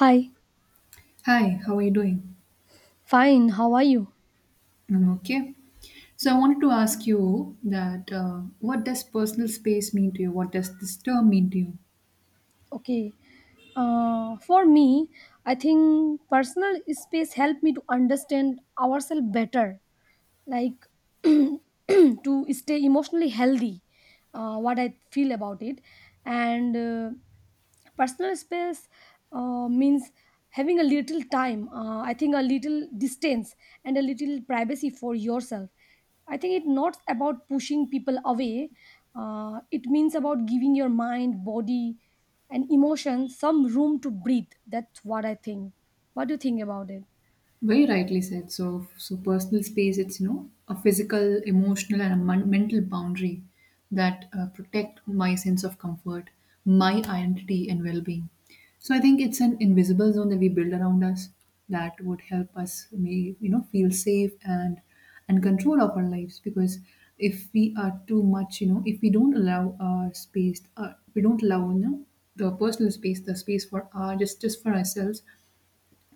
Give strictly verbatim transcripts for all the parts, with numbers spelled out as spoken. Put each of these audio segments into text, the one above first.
Hi, Hi, how are you doing? fine. How are you? I'm okay. So I wanted to ask you that uh, what does personal space mean to you? What does this term mean to you? Okay. Uh, for me, I think personal space helped me to understand ourselves better, like to stay emotionally healthy. Uh, what I feel about it, and uh, personal space uh, means having a little time, uh, I think, a little distance and a little privacy for yourself. I think it's not about pushing people away. Uh, it means about giving your mind, body and emotion some room to breathe. That's what I think. What do you think about it? Very rightly said. So, so personal space, it's you know a physical, emotional, and a mon- mental boundary that uh, protect my sense of comfort, my identity, and well-being. So I think it's an invisible zone that we build around us that would help us, may you know, feel safe and and control of our lives. Because if we are too much, you know, if we don't allow our space, uh, we don't allow you know the personal space, the space for our just just for ourselves,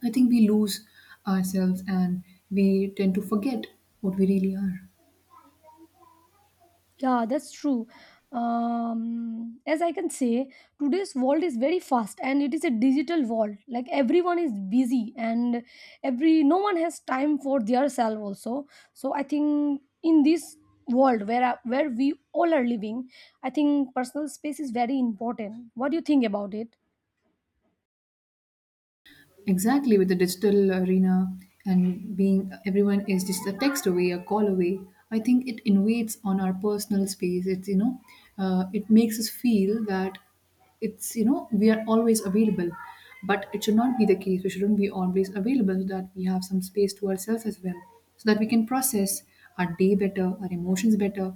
I think we lose ourselves and we tend to forget what we really are. Yeah, that's true. Um, as I can say, today's world is very fast and it is a digital world. Like everyone is busy and every no one has time for their self also. So I think in this world where where we all are living, I think personal space is very important. What do you think about it? Exactly, with the digital arena and being everyone is just a text away, a call away. I think it invades on our personal space. It's you know, uh, it makes us feel that it's you know we are always available, but it should not be the case. We shouldn't be always available so that we have some space to ourselves as well, so that we can process our day better, our emotions better.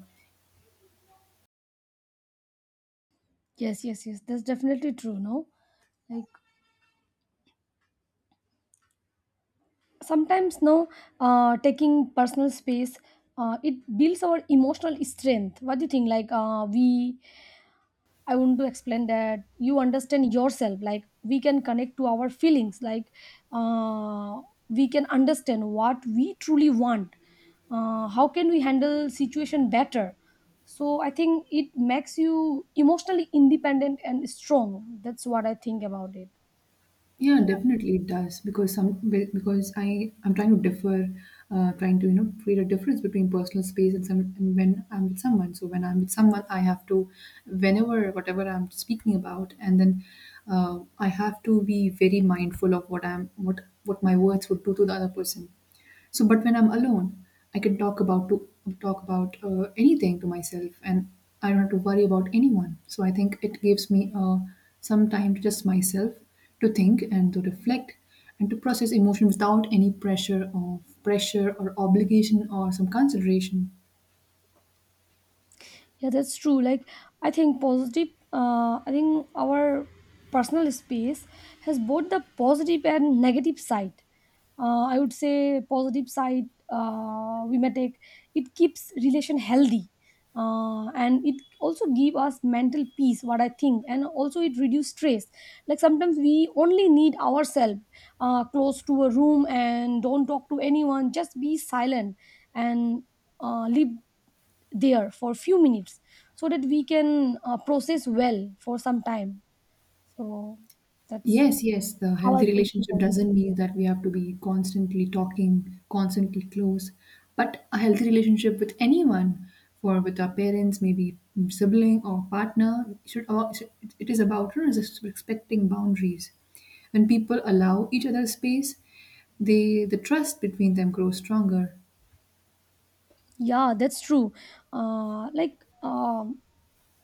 Yes, yes, yes. That's definitely true. No, like sometimes no, uh, taking personal space, uh, it builds our emotional strength. What do you think, like uh, we I want to explain, that you understand yourself, like we can connect to our feelings, like uh, we can understand what we truly want, uh, how can we handle situation better. So I think it makes you emotionally independent and strong. That's what I think about it. Yeah, definitely it does because some be- because I I'm trying to differ, uh, trying to you know create a difference between personal space and some and when I'm with someone. So when I'm with someone, I have to, whenever whatever I'm speaking about, and then uh, I have to be very mindful of what I'm what what my words would do to the other person. So, but when I'm alone, I can talk about to talk about uh, anything to myself, and I don't have to worry about anyone. So, I think it gives me uh, some time to just myself to think and to reflect and to process emotion without any pressure of pressure or obligation or some consideration. Yeah, that's true. Like, I think positive, uh, I think our personal space has both the positive and negative side. Uh, I would say positive side, uh, we may take it keeps relation healthy, uh, and it also give us mental peace. What I think, and also it reduce stress. Like sometimes we only need ourselves, uh, close to a room and don't talk to anyone. Just be silent and uh, live there for few minutes so that we can uh, process well for some time. So that's Yes, yes, the how I healthy process relationship also. doesn't mean that we have to be constantly talking, constantly close, but a healthy relationship with anyone, for with our parents, maybe sibling or partner, should all, should- it is about res- respecting boundaries. When people allow each other space, they the trust between them grows stronger. Yeah, that's true. Uh, like um,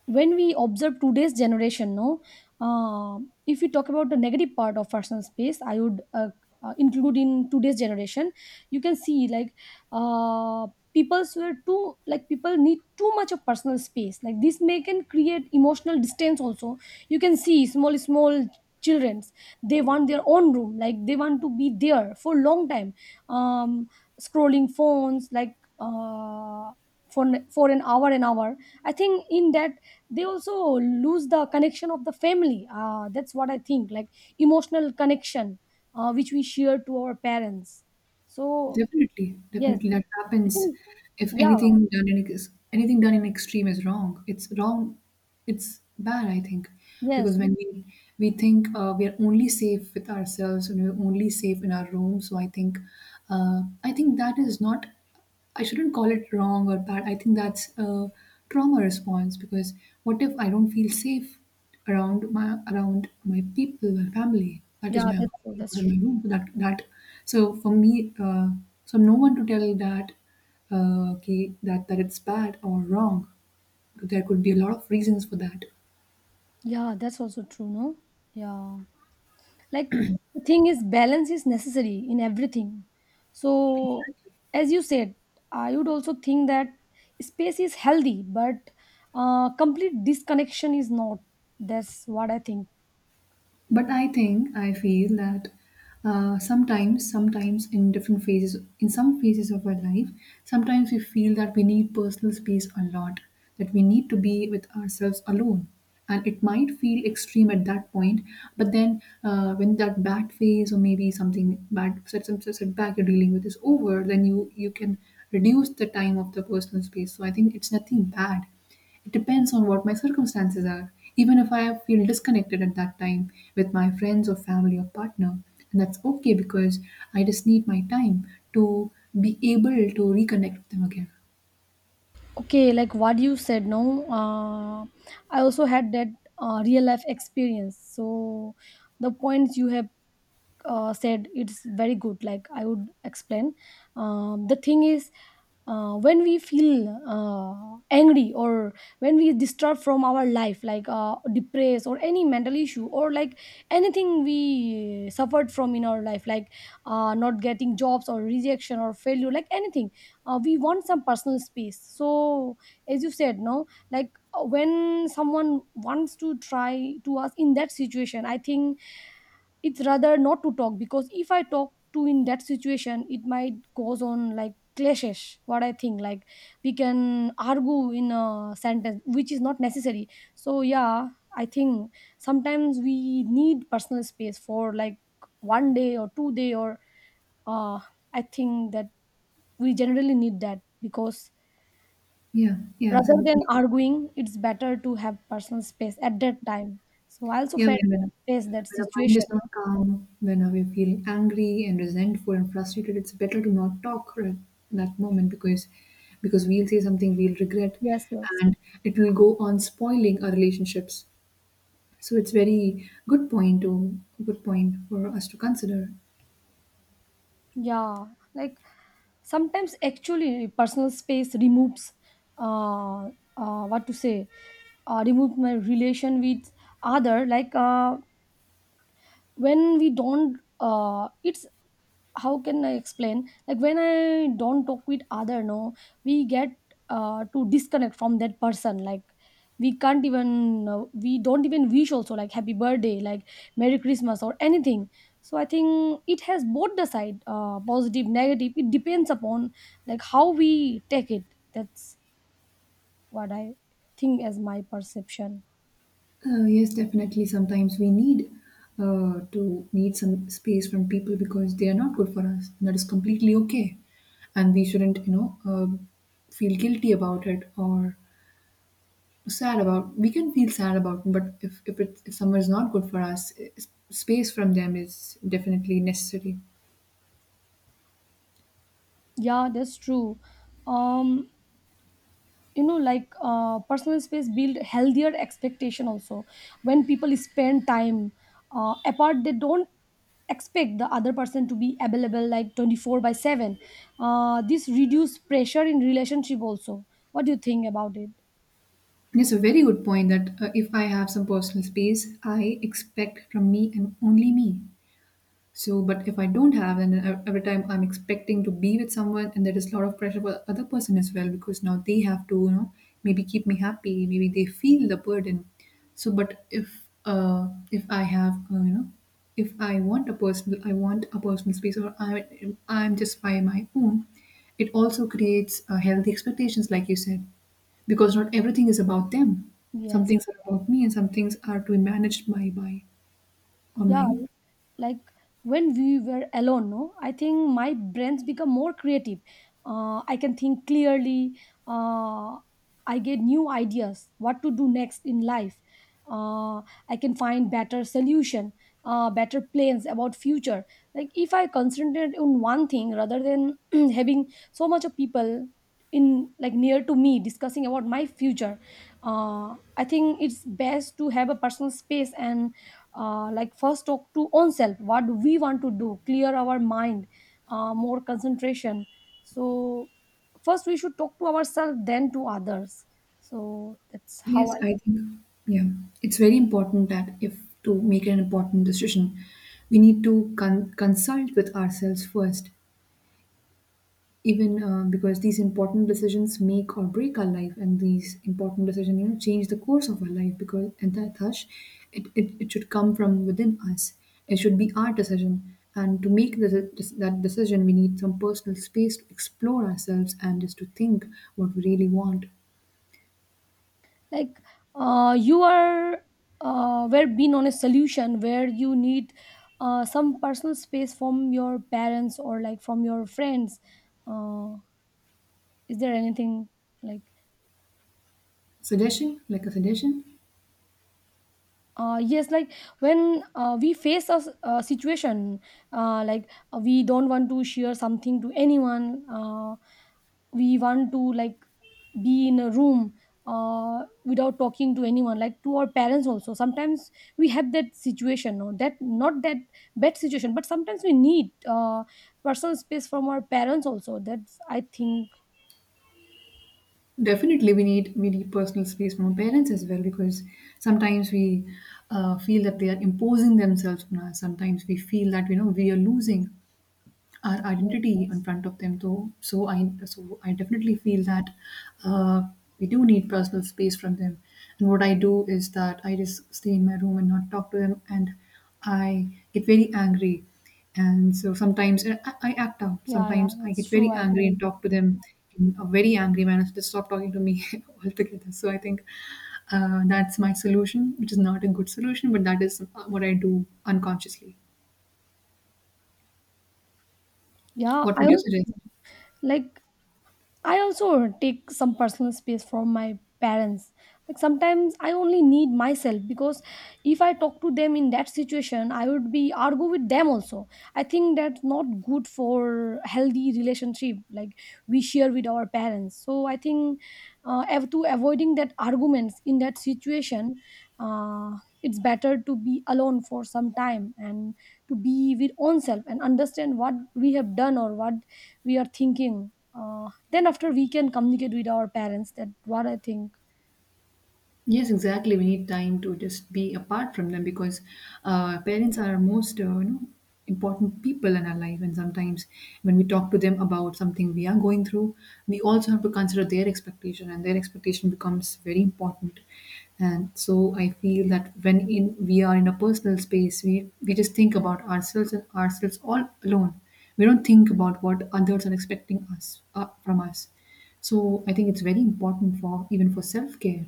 when we observe today's generation, no, uh, if we talk about the negative part of personal space, I would uh, uh, include in today's generation. You can see like uh, people were too like people need too much of personal space. Like this may can create emotional distance. Also, you can see small small childrens, they want their own room, like they want to be there for long time, um scrolling phones, like uh, for for an hour, an hour. I think in that they also lose the connection of the family, uh, that's what I think, like emotional connection uh, which we share to our parents. So Definitely, yes definitely that I happens. think, If yeah, anything done in ex- anything done in extreme is wrong, it's wrong. It's bad, I think, yes, because when we we think uh, we are only safe with ourselves and we're only safe in our room. So I think, uh, I think that is not. I shouldn't call it wrong or bad. I think that's a trauma response because what if I don't feel safe around my around my people, my family? That yeah, is why I'm that's true, hiding that's out in true. my room. That that so for me, uh, so no one to tell that uh, okay that that it's bad or wrong. There could be a lot of reasons for that. Yeah, that's also true, no. Yeah. Like, the thing is balance is necessary in everything. So Exactly. as you said, I would also think that space is healthy, but uh, complete disconnection is not. That's what I think. But I think I feel that uh, sometimes sometimes in different phases in some phases of our life sometimes we feel that we need personal space a lot, that we need to be with ourselves alone, and it might feel extreme at that point. But then uh, when that bad phase or maybe something bad set some setback you're dealing with is over, then you you can reduce the time of the personal space. So I think it's nothing bad. It depends on what my circumstances are. Even if I feel disconnected at that time with my friends or family or partner, and that's okay because I just need my time to be able to reconnect with them again. Okay, like what you said, no, uh, I also had that uh, real life experience. So the points you have uh, said, it's very good. Like I would explain, um, the thing is, uh, when we feel uh, angry, or when we disturbed from our life, like uh, depressed or any mental issue, or like anything we suffered from in our life, like uh, not getting jobs or rejection or failure, like anything, uh, we want some personal space. So as you said, no, like uh, when someone wants to try to us in that situation, I think it's rather not to talk. Because if I talk to in that situation, it might goes on like clashes. What I think, like we can argue in a sentence which is not necessary. So yeah, I think sometimes we need personal space for like one day or two day or uh I think that we generally need that. Because Yeah, yeah. rather So, than arguing, it's better to have personal space at that time. So I also yeah, felt, when, when face that when our mind situation. is not calm, when we feel angry and resentful and frustrated, it's better to not talk right in that moment because because we'll say something we'll regret, Yes, yes. and it will go on spoiling our relationships. So it's very good point to good point for us to consider. Yeah, like sometimes actually personal space removes, uh, uh, what to say, uh, remove my relation with other, like uh, when we don't, uh, it's how can I explain, like when I don't talk with other, no, we get uh, to disconnect from that person. Like we can't even uh, we don't even wish also, like happy birthday, like merry christmas or anything. So I think it has both the side, uh, positive, negative, it depends upon, like how we take it. That's what I think as my perception. Uh, yes, definitely. Sometimes we need uh, to need some space from people because they are not good for us. That is completely okay, and we shouldn't, you know, uh, feel guilty about it or sad about. We can feel sad about, but if if it, if someone is not good for us, eh, space from them is definitely necessary. Yeah, that's true. um you know like uh, personal space build healthier expectation also. When people spend time uh, apart, they don't expect the other person to be available like twenty four by seven. Uh, this reduce pressure in relationship also. What do you think about it? It's a very good point that uh, if I have some personal space, I expect from me and only me. So, but if I don't have, then ev- every time I'm expecting to be with someone, and there is a lot of pressure for the other person as well because now they have to, you know, maybe keep me happy. Maybe they feel the burden. So, but if uh, if I have, uh, you know, if I want a personal, I want a personal space, or I I'm just by my own. It also creates uh, healthy expectations, like you said, because not everything is about them. Some Yes. things are about me, and some things are to be managed by by on my Yeah, own. like when we were alone, no, I think my brains become more creative. uh, I can think clearly, uh, I get new ideas what to do next in life, uh, I can find better solution, uh, better plans about future. Like if I concentrate on one thing rather than having so much of people in, like near to me, discussing about my future, uh, I think it's best to have a personal space. And uh, like first talk to own self, what do we want to do, clear our mind, uh, more concentration. So first we should talk to ourselves then to others. So that's how Yes, i. I think, yeah, it's very important that if to make an important decision, we need to con- consult with ourselves first, even uh, because these important decisions make or break our life, and these important decisions, you know, change the course of our life. Because and that thus, it, it, it should come from within us. It should be our decision, and to make the, that decision, we need some personal space to explore ourselves and just to think what we really want. Like uh, you are uh, where been on a solution, where you need uh, some personal space from your parents or like from your friends, uh, is there anything like. Suggestion, like a suggestion. Uh, yes, like when uh, we face a, s- a situation, uh, like uh, we don't want to share something to anyone, uh, we want to like be in a room, uh, without talking to anyone, like to our parents also. Sometimes we have that situation, no, that not that bad situation, but sometimes we need uh, personal space from our parents also. That's I think. Definitely, we need we need personal space from our parents as well because sometimes we uh, feel that they are imposing themselves on us. Sometimes we feel that you know we are losing our identity in front of them, though. So i so i definitely feel that uh, we do need personal space from them, and what I do is that I just stay in my room and not talk to them, and I get very angry. And so sometimes uh, i, I act out, Yeah, yeah, sometimes I that's get true very I think. angry and talk to them in a very angry manner, so they stop talking to me altogether. So I think uh, that's my solution, which is not a good solution, but that is uh, what I do unconsciously. Yeah What I would you also, suggest? like I also take some personal space from my parents. Like sometimes I only need myself, because if I talk to them in that situation, I would be argue with them also. I think that's not good for healthy relationship like we share with our parents. So I think, uh, av- to avoiding that arguments in that situation, uh, it's better to be alone for some time and to be with own self and understand what we have done or what we are thinking. Uh, then after we can communicate with our parents. That what I think. Yes, exactly. We need time to just be apart from them because uh, parents are our most, uh, you know, important people in our life. And sometimes when we talk to them about something we are going through, we also have to consider their expectation, and their expectation becomes very important. And so I feel that when in we are in a personal space, we we just think about ourselves and ourselves all alone. We don't think about what others are expecting us uh, from us. So I think it's very important, for even for self care.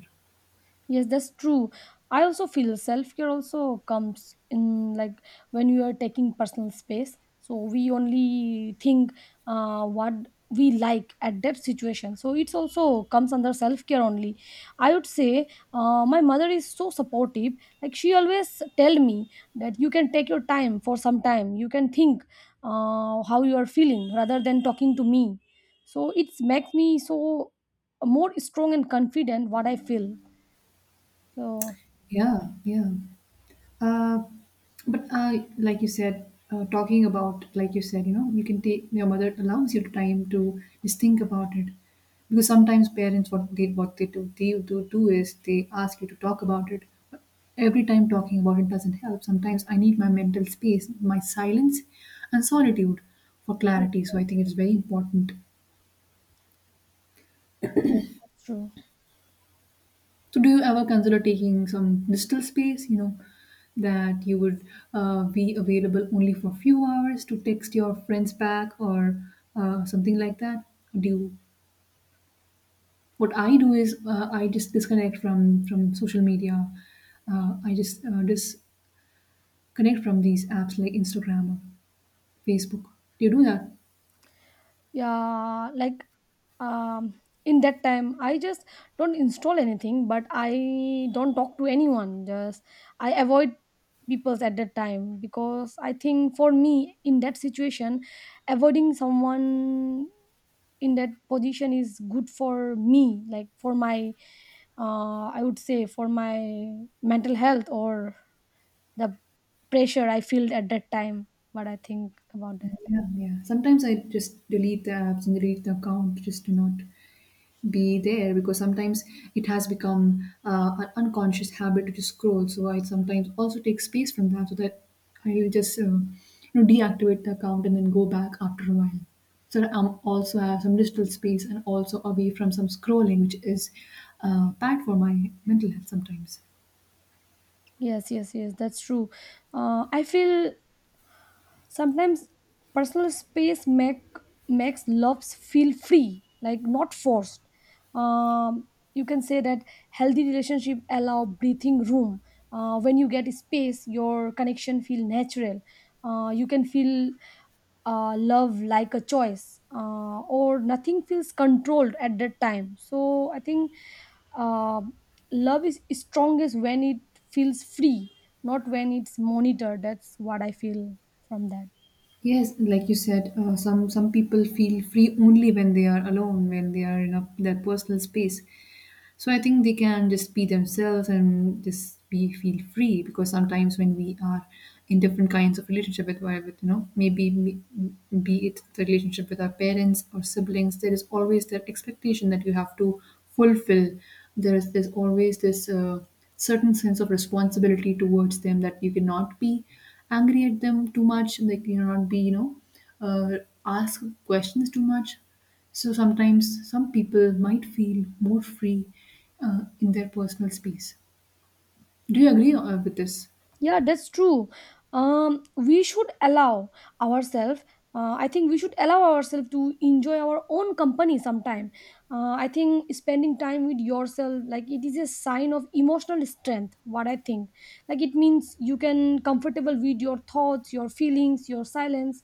Yes, that's true. I also feel self care also comes in, like when you are taking personal space. So we only think uh, what we like at that situation. So it's also comes under self care only. I would say, uh, my mother is so supportive. Like she always tell me that you can take your time for some time. You can think uh, how you are feeling rather than talking to me. So it makes me so more strong and confident, what I feel. So Yeah, yeah. Uh, but uh, like you said, uh, talking about, like you said, you know, you can take your mother allows you time to just think about it, because sometimes parents what they what they do they do do is they ask you to talk about it. But every time talking about it doesn't help. Sometimes I need my mental space, my silence, and solitude for yeah, clarity. So I think it's very important. yeah, that's true. So, do you ever consider taking some digital space, you know, that you would uh, be available only for few hours to text your friends back or uh, something like that? Do you, what I do is uh, I just disconnect from from social media. Uh, I just uh, disconnect from these apps like Instagram or Facebook. Do you do that? Yeah, like um in that time I just don't install anything, but I don't talk to anyone. Just I avoid people's at that time, because I think for me in that situation, avoiding someone in that position is good for me, like for my, uh I would say, for my mental health, or the pressure I feel at that time. What I think about that. Yeah, yeah. Sometimes I just delete the apps and delete the account just to not be there because sometimes it has become uh, an unconscious habit to just scroll. So I sometimes also take space from that, so that I just um, you know deactivate the account and then go back after a while. So that I'm also have some digital space and also away from some scrolling, which is uh, bad for my mental health sometimes. Yes, yes, yes, that's true. Uh, I feel sometimes personal space make makes loves feel free, like not forced. Um, you can say that healthy relationship allow breathing room. Uh, when you get space, your connection feel natural. Uh, you can feel uh, love like a choice, uh, or nothing feels controlled at that time. So I think uh, love is is strongest when it feels free, not when it's monitored. That's what I feel from that. Yes, like you said, uh, some some people feel free only when they are alone, when they are in a, their personal space. So I think they can just be themselves and just be feel free because sometimes when we are in different kinds of relationship with, why- with you know maybe be be it the relationship with our parents or siblings, there is always that expectation that you have to fulfill. There is there's always this. Uh, certain sense of responsibility towards them that you cannot be angry at them too much, like you cannot, be you know uh, ask questions too much. So sometimes some people might feel more free uh, in their personal space. Do you agree, uh, with this? Yeah, that's true. Um, we should allow ourselves. Uh, I think we should allow ourselves to enjoy our own company sometime. Uh, I think spending time with yourself, like it is a sign of emotional strength. What I think, like it means you can comfortable with your thoughts, your feelings, your silence.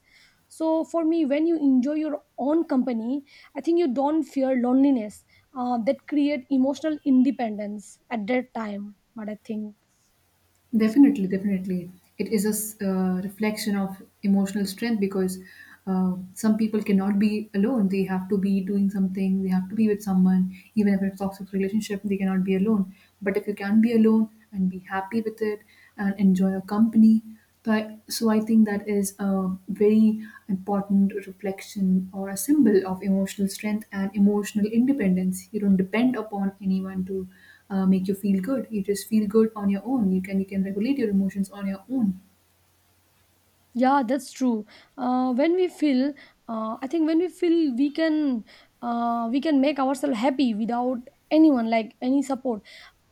So for me, when you enjoy your own company, I think you don't fear loneliness. Uh, that create emotional independence at that time. What I think. Definitely, definitely. It is a s- uh, reflection of emotional strength, because uh, some people cannot be alone. They have to be doing something, they have to be with someone. Even if it's toxic relationship, they cannot be alone. But if you can be alone and be happy with it and enjoy your company, but so I think that is a very important reflection or a symbol of emotional strength and emotional independence. You don't depend upon anyone to uh, make you feel good. You just feel good on your own. You can you can regulate your emotions on your own. Yeah, that's true. Uh, when we feel, uh, I think when we feel, we can, uh, we can make ourselves happy without anyone, like any support.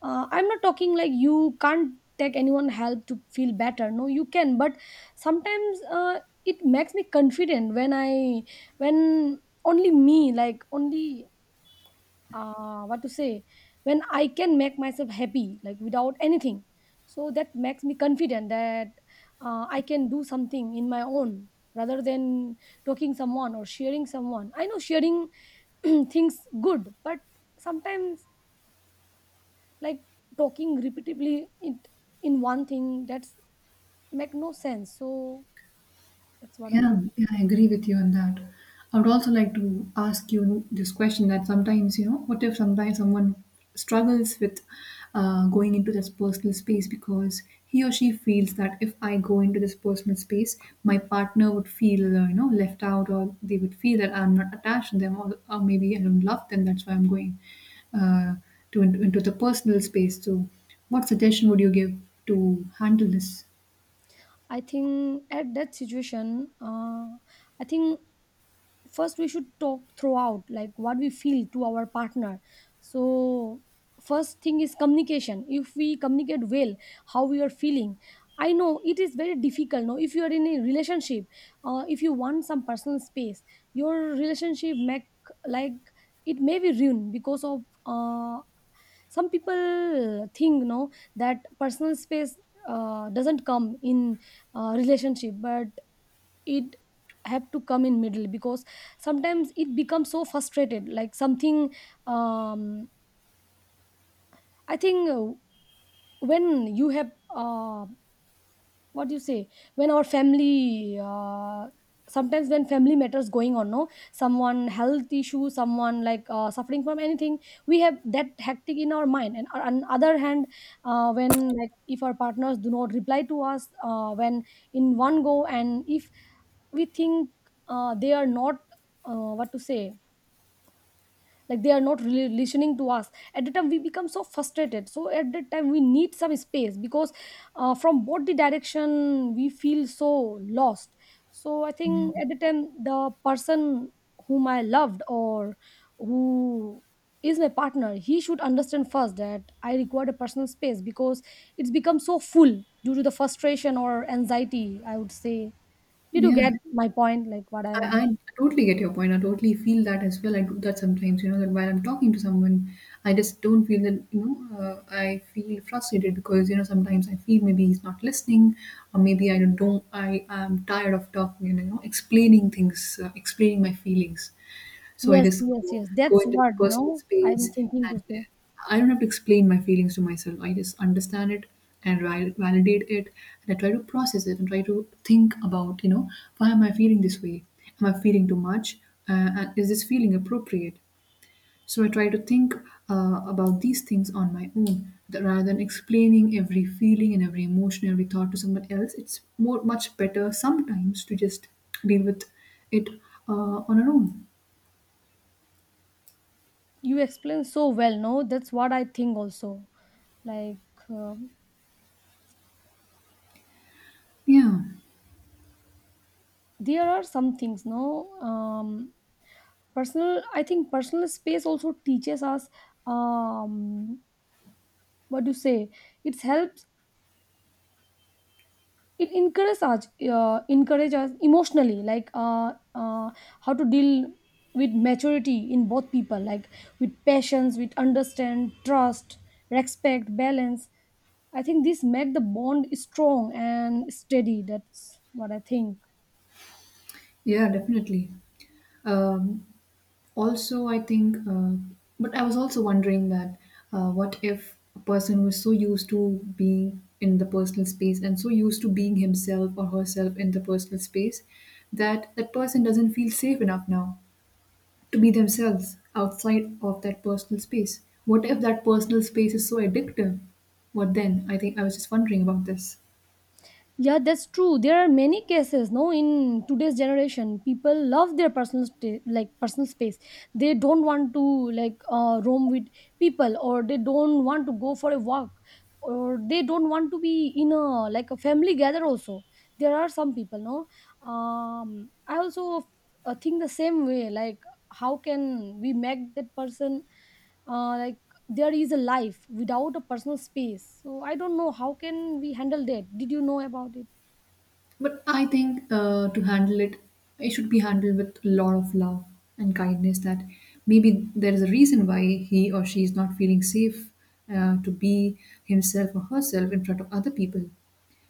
Uh, I'm not talking like you can't take anyone help to feel better. No, you can. But sometimes uh, it makes me confident when I, when only me, like only uh, what to say when I can make myself happy like without anything. So that makes me confident that uh, I can do something in my own rather than talking someone or sharing someone. I know sharing things good, but sometimes like talking repeatedly in, in one thing that's make no sense. So that's what i think Yeah, yeah, I agree with you on that. I would also like to ask you this question, that sometimes, you know, what if sometimes someone struggles with uh, going into this personal space because he or she feels that if I go into this personal space, my partner would feel, uh, you know, left out, or they would feel that I'm not attached to them, or, or maybe I don't love them. That's why I'm going uh, to into, into the personal space. So, what suggestion would you give to handle this? i think at that situation. Uh, i think first we should talk throughout like what we feel to our partner. So first thing is communication. If we communicate well how we are feeling, I know it is very difficult, no, if you are in a relationship. Uh, if you want some personal space, your relationship make, like, it may be ruined because of uh, some people think, no, that personal space uh, doesn't come in uh, relationship. But it have to come in middle, because sometimes it becomes so frustrated like something. Um I think uh, When you have, uh, what do you say when our family, uh, sometimes when family matters going on, no, someone health issue, someone like uh, suffering from anything, we have that hectic in our mind. And uh, on other hand, uh, when, like, if our partners do not reply to us, uh, when in one go, and if we think uh, they are not, uh, what to say like they are not really listening to us, at the time we become so frustrated. So at that time we need some space, because uh, from both the direction we feel so lost. So I think at the time the person whom I loved, or who is my partner, he should understand first that I require a personal space, because it's become so full due to the frustration or anxiety, I would say. Did you Yeah. get my point, like what I'm, I, I totally get your point. I totally feel that as well. I do that sometimes, you know, that while I'm talking to someone, I just don't feel that, you know, uh, I feel frustrated because, you know, sometimes I feel maybe he's not listening, or maybe I don't, don't I am tired of talking and, you know, explaining things, uh, explaining my feelings. So I yes, just yes, go, yes, go that's into what, personal no, I'm space. thinking to And say. I don't have to explain my feelings to myself. I just understand it and ri- validate it, and I try to process it and try to think about, you know, why am I feeling this way? Am I feeling too much? Uh, and is this feeling appropriate? So I try to think uh, about these things on my own, that rather than explaining every feeling and every emotion, every thought to someone else. It's more much better sometimes to just deal with it uh, on our own. You explain so well, no, that's what I think also. Like, um Yeah. there are some things, no, um personal, I think personal space also teaches us, um what do you say it helps, it encourages us, uh, encourage us emotionally, like, uh, uh, how to deal with maturity in both people, like with patience, with understand, trust, respect, balance. I think this make the bond strong and steady. That's what I think. Yeah, definitely. Um, also, I think, uh, but I was also wondering that uh, what if a person who is so used to being in the personal space and so used to being himself or herself in the personal space, that that person doesn't feel safe enough now to be themselves outside of that personal space? What if that personal space is so addictive? What then? I think I was just wondering about this. Yeah, that's true. There are many cases, no, in today's generation. People love their personal sta- like personal space. They don't want to, like, uh, roam with people, or they don't want to go for a walk, or they don't want to be in a like a family gather also. There are some people, no. Um, I also uh, think the same way. Like, how can we make that person uh, like, there is a life without a personal space. So I don't know how can we handle that. Did you know about it? But I think uh, to handle it, it should be handled with a lot of love and kindness. That maybe there is a reason why he or she is not feeling safe uh, to be himself or herself in front of other people.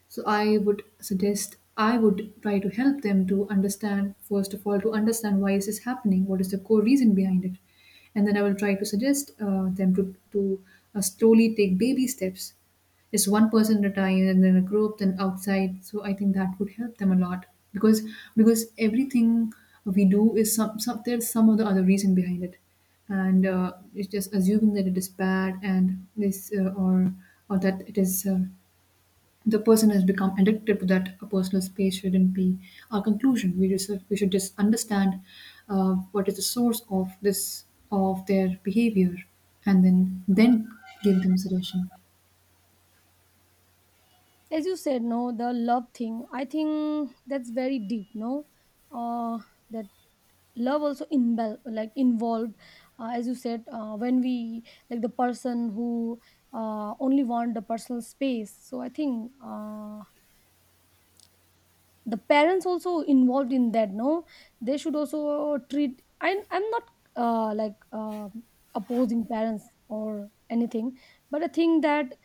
So I would suggest, I would try to help them to understand, first of all, to understand why is this happening, what is the core reason behind it, and then I will try to suggest uh, them to, to uh, slowly take baby steps. It's one person at a time, and then a group, then outside. So I think that would help them a lot, because because everything we do is some, some there's some of the other reason behind it. And uh, it's just assuming that it is bad, and this uh, or or that it is uh, the person has become addicted to that. A personal space shouldn't be our conclusion. We just we should just understand uh, what is the source of this, of their behavior, and then then give them suggestion. As you said, no, the love thing, I think that's very deep, no. uh that love also involve, like involved, uh, as you said, uh, when we, like the person who uh, only want the personal space. So I think uh, the parents also involved in that, no. They should also treat, I, I'm not uh, like uh, opposing parents or anything, but I think that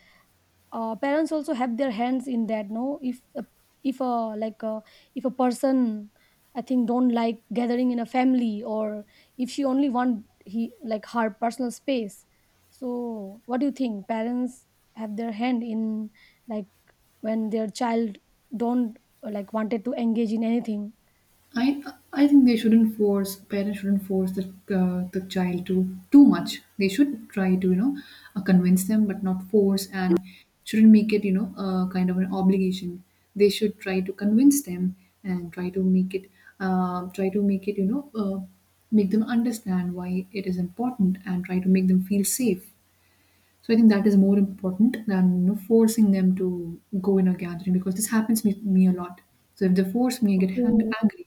uh, parents also have their hands in that, no. If a, if a like a, if a person, I think, don't like gathering in a family, or if she only want, he like her personal space. So what do you think, parents have their hand in, like, when their child don't uh, like wanted to engage in anything. I I think they shouldn't force, parents shouldn't force the uh, the child to too much. They should try to you know uh, convince them, but not force, and shouldn't make it you know uh, kind of an obligation. They should try to convince them and try to make it uh, try to make it you know uh, make them understand why it is important, and try to make them feel safe. So I think that is more important than, you know, forcing them to go in a gathering, because this happens with me a lot. So if they force me, I get Okay. hang- angry.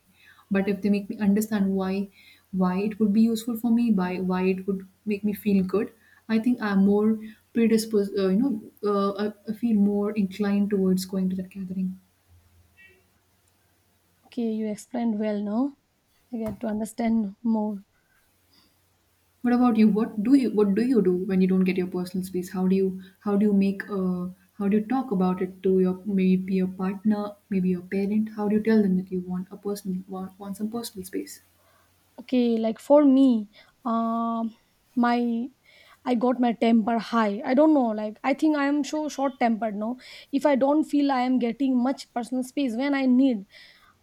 But if they make me understand why why it would be useful for me, by why it would make me feel good, I think I'm more predisposed. Uh, you know, uh, I I feel more inclined towards going to that gathering. Okay, you explained well, no. I get to understand more. What about you? What do you, what do you do when you don't get your personal space? How do you, how do you make uh, how do you talk about it to your maybe your partner, maybe your parent? How do you tell them that you want a personal, want, want some personal space? Okay, like for me, um my, I got my temper high. I don't know, like, I think I am so short tempered, no. If I don't feel I am getting much personal space when I need,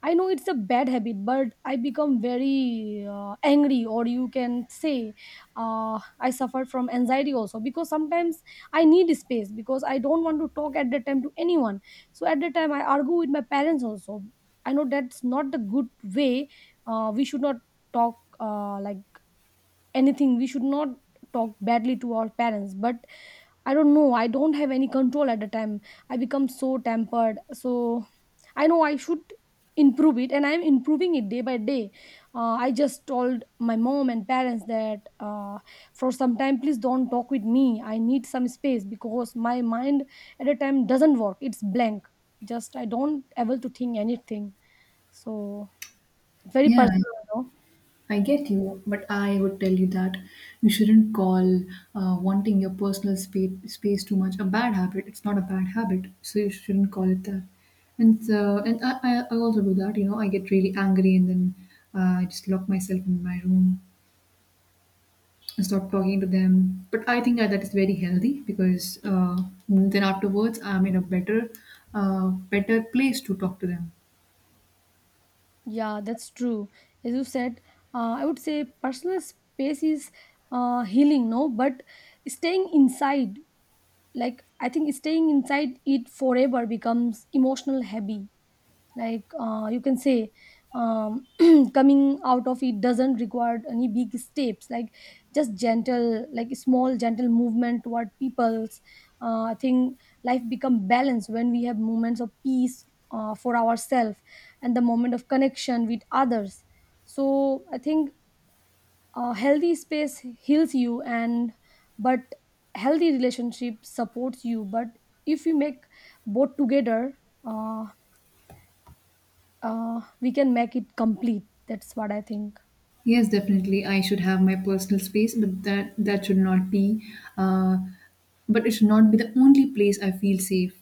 I know it's a bad habit, but I become very uh, angry, or you can say uh, I suffer from anxiety also, because sometimes I need space because I don't want to talk at that time to anyone. So at that time, I argue with my parents also. I know that's not the good way. Uh, we should not talk uh, like anything, we should not talk badly to our parents, but I don't know. I don't have any control at the time. I become so tempered. So I know I should improve it, and I'm improving it day by day. Uh, I just told my mom and parents that, uh, for some time, please don't talk with me. I need some space because my mind at the time doesn't work. It's blank. Just I don't able to think anything. So it's very Yeah, personal, I you know. I get you, but I would tell you that you shouldn't call uh, wanting your personal space, space too much a bad habit. It's not a bad habit, so you shouldn't call it that. And so, and I, I I also do that. You know, I get really angry, and then uh, I just lock myself in my room, stop talking to them. But I think that that is very healthy, because uh, then afterwards I'm in a better, uh, better place to talk to them. Yeah, that's true. As you said, uh, I would say personal space is uh, healing, no, but staying inside, like I think staying inside it forever becomes emotional heavy, like, uh, you can say, um, coming out of it doesn't require any big steps, like just gentle, like small gentle movement toward people's. uh, I think life become balanced when we have moments of peace uh, for ourselves, and the moment of connection with others. So I think a healthy space heals you, and, but healthy relationship supports you. But if you make both together, uh, uh, we can make it complete. That's what I think. Yes, definitely. I should have my personal space, but that that should not be, uh, but it should not be the only place I feel safe.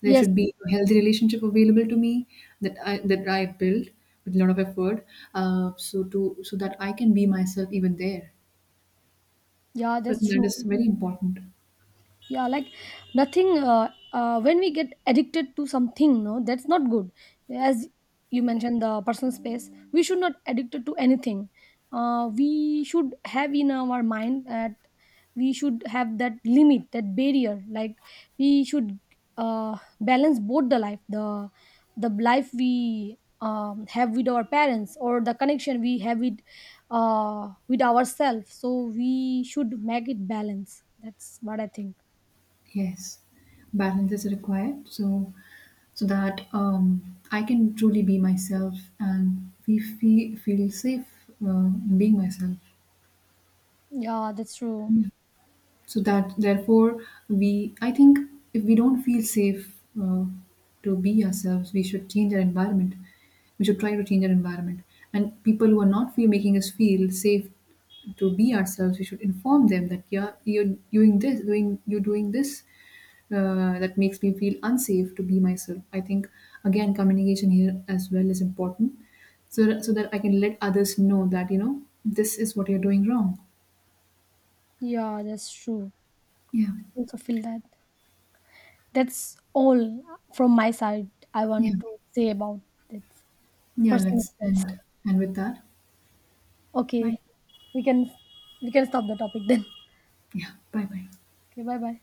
There Yes, should yes. be a healthy relationship available to me, that I that I built with a lot of effort, uh, so to so that I can be myself even there. Yeah, So I that's think that true. is very important. Yeah, like nothing, uh, uh, when we get addicted to something, no, that's not good. As you mentioned the personal space, we should not addicted to anything. Uh, we should have in our mind that we should have that limit, that barrier, like we should uh, balance both the life, the the life we um, have with our parents, or the connection we have with uh, with ourselves. So we should make it balance. That's what I think. Yes, balance is required. So, so that um, I can truly be myself, and we feel, feel safe uh, in being myself. Yeah, that's true. So that therefore we, I think, if we don't feel safe uh, to be ourselves, we should change our environment. We should try to change our environment. And people who are not feel making us feel safe to be ourselves, we should inform them that, yeah, you're doing this, doing you're doing this uh, that makes me feel unsafe to be myself. I think again, communication here as well is important, so that, so that I can let others know that, you know, this is what you're doing wrong. Yeah, that's true. Yeah, Also feel that. That's all from my side. I yeah. want to say about this Yeah, personal let's stress. end. And with that, bye. Okay, we can, we can stop the topic then. Yeah, bye bye. Okay, bye bye.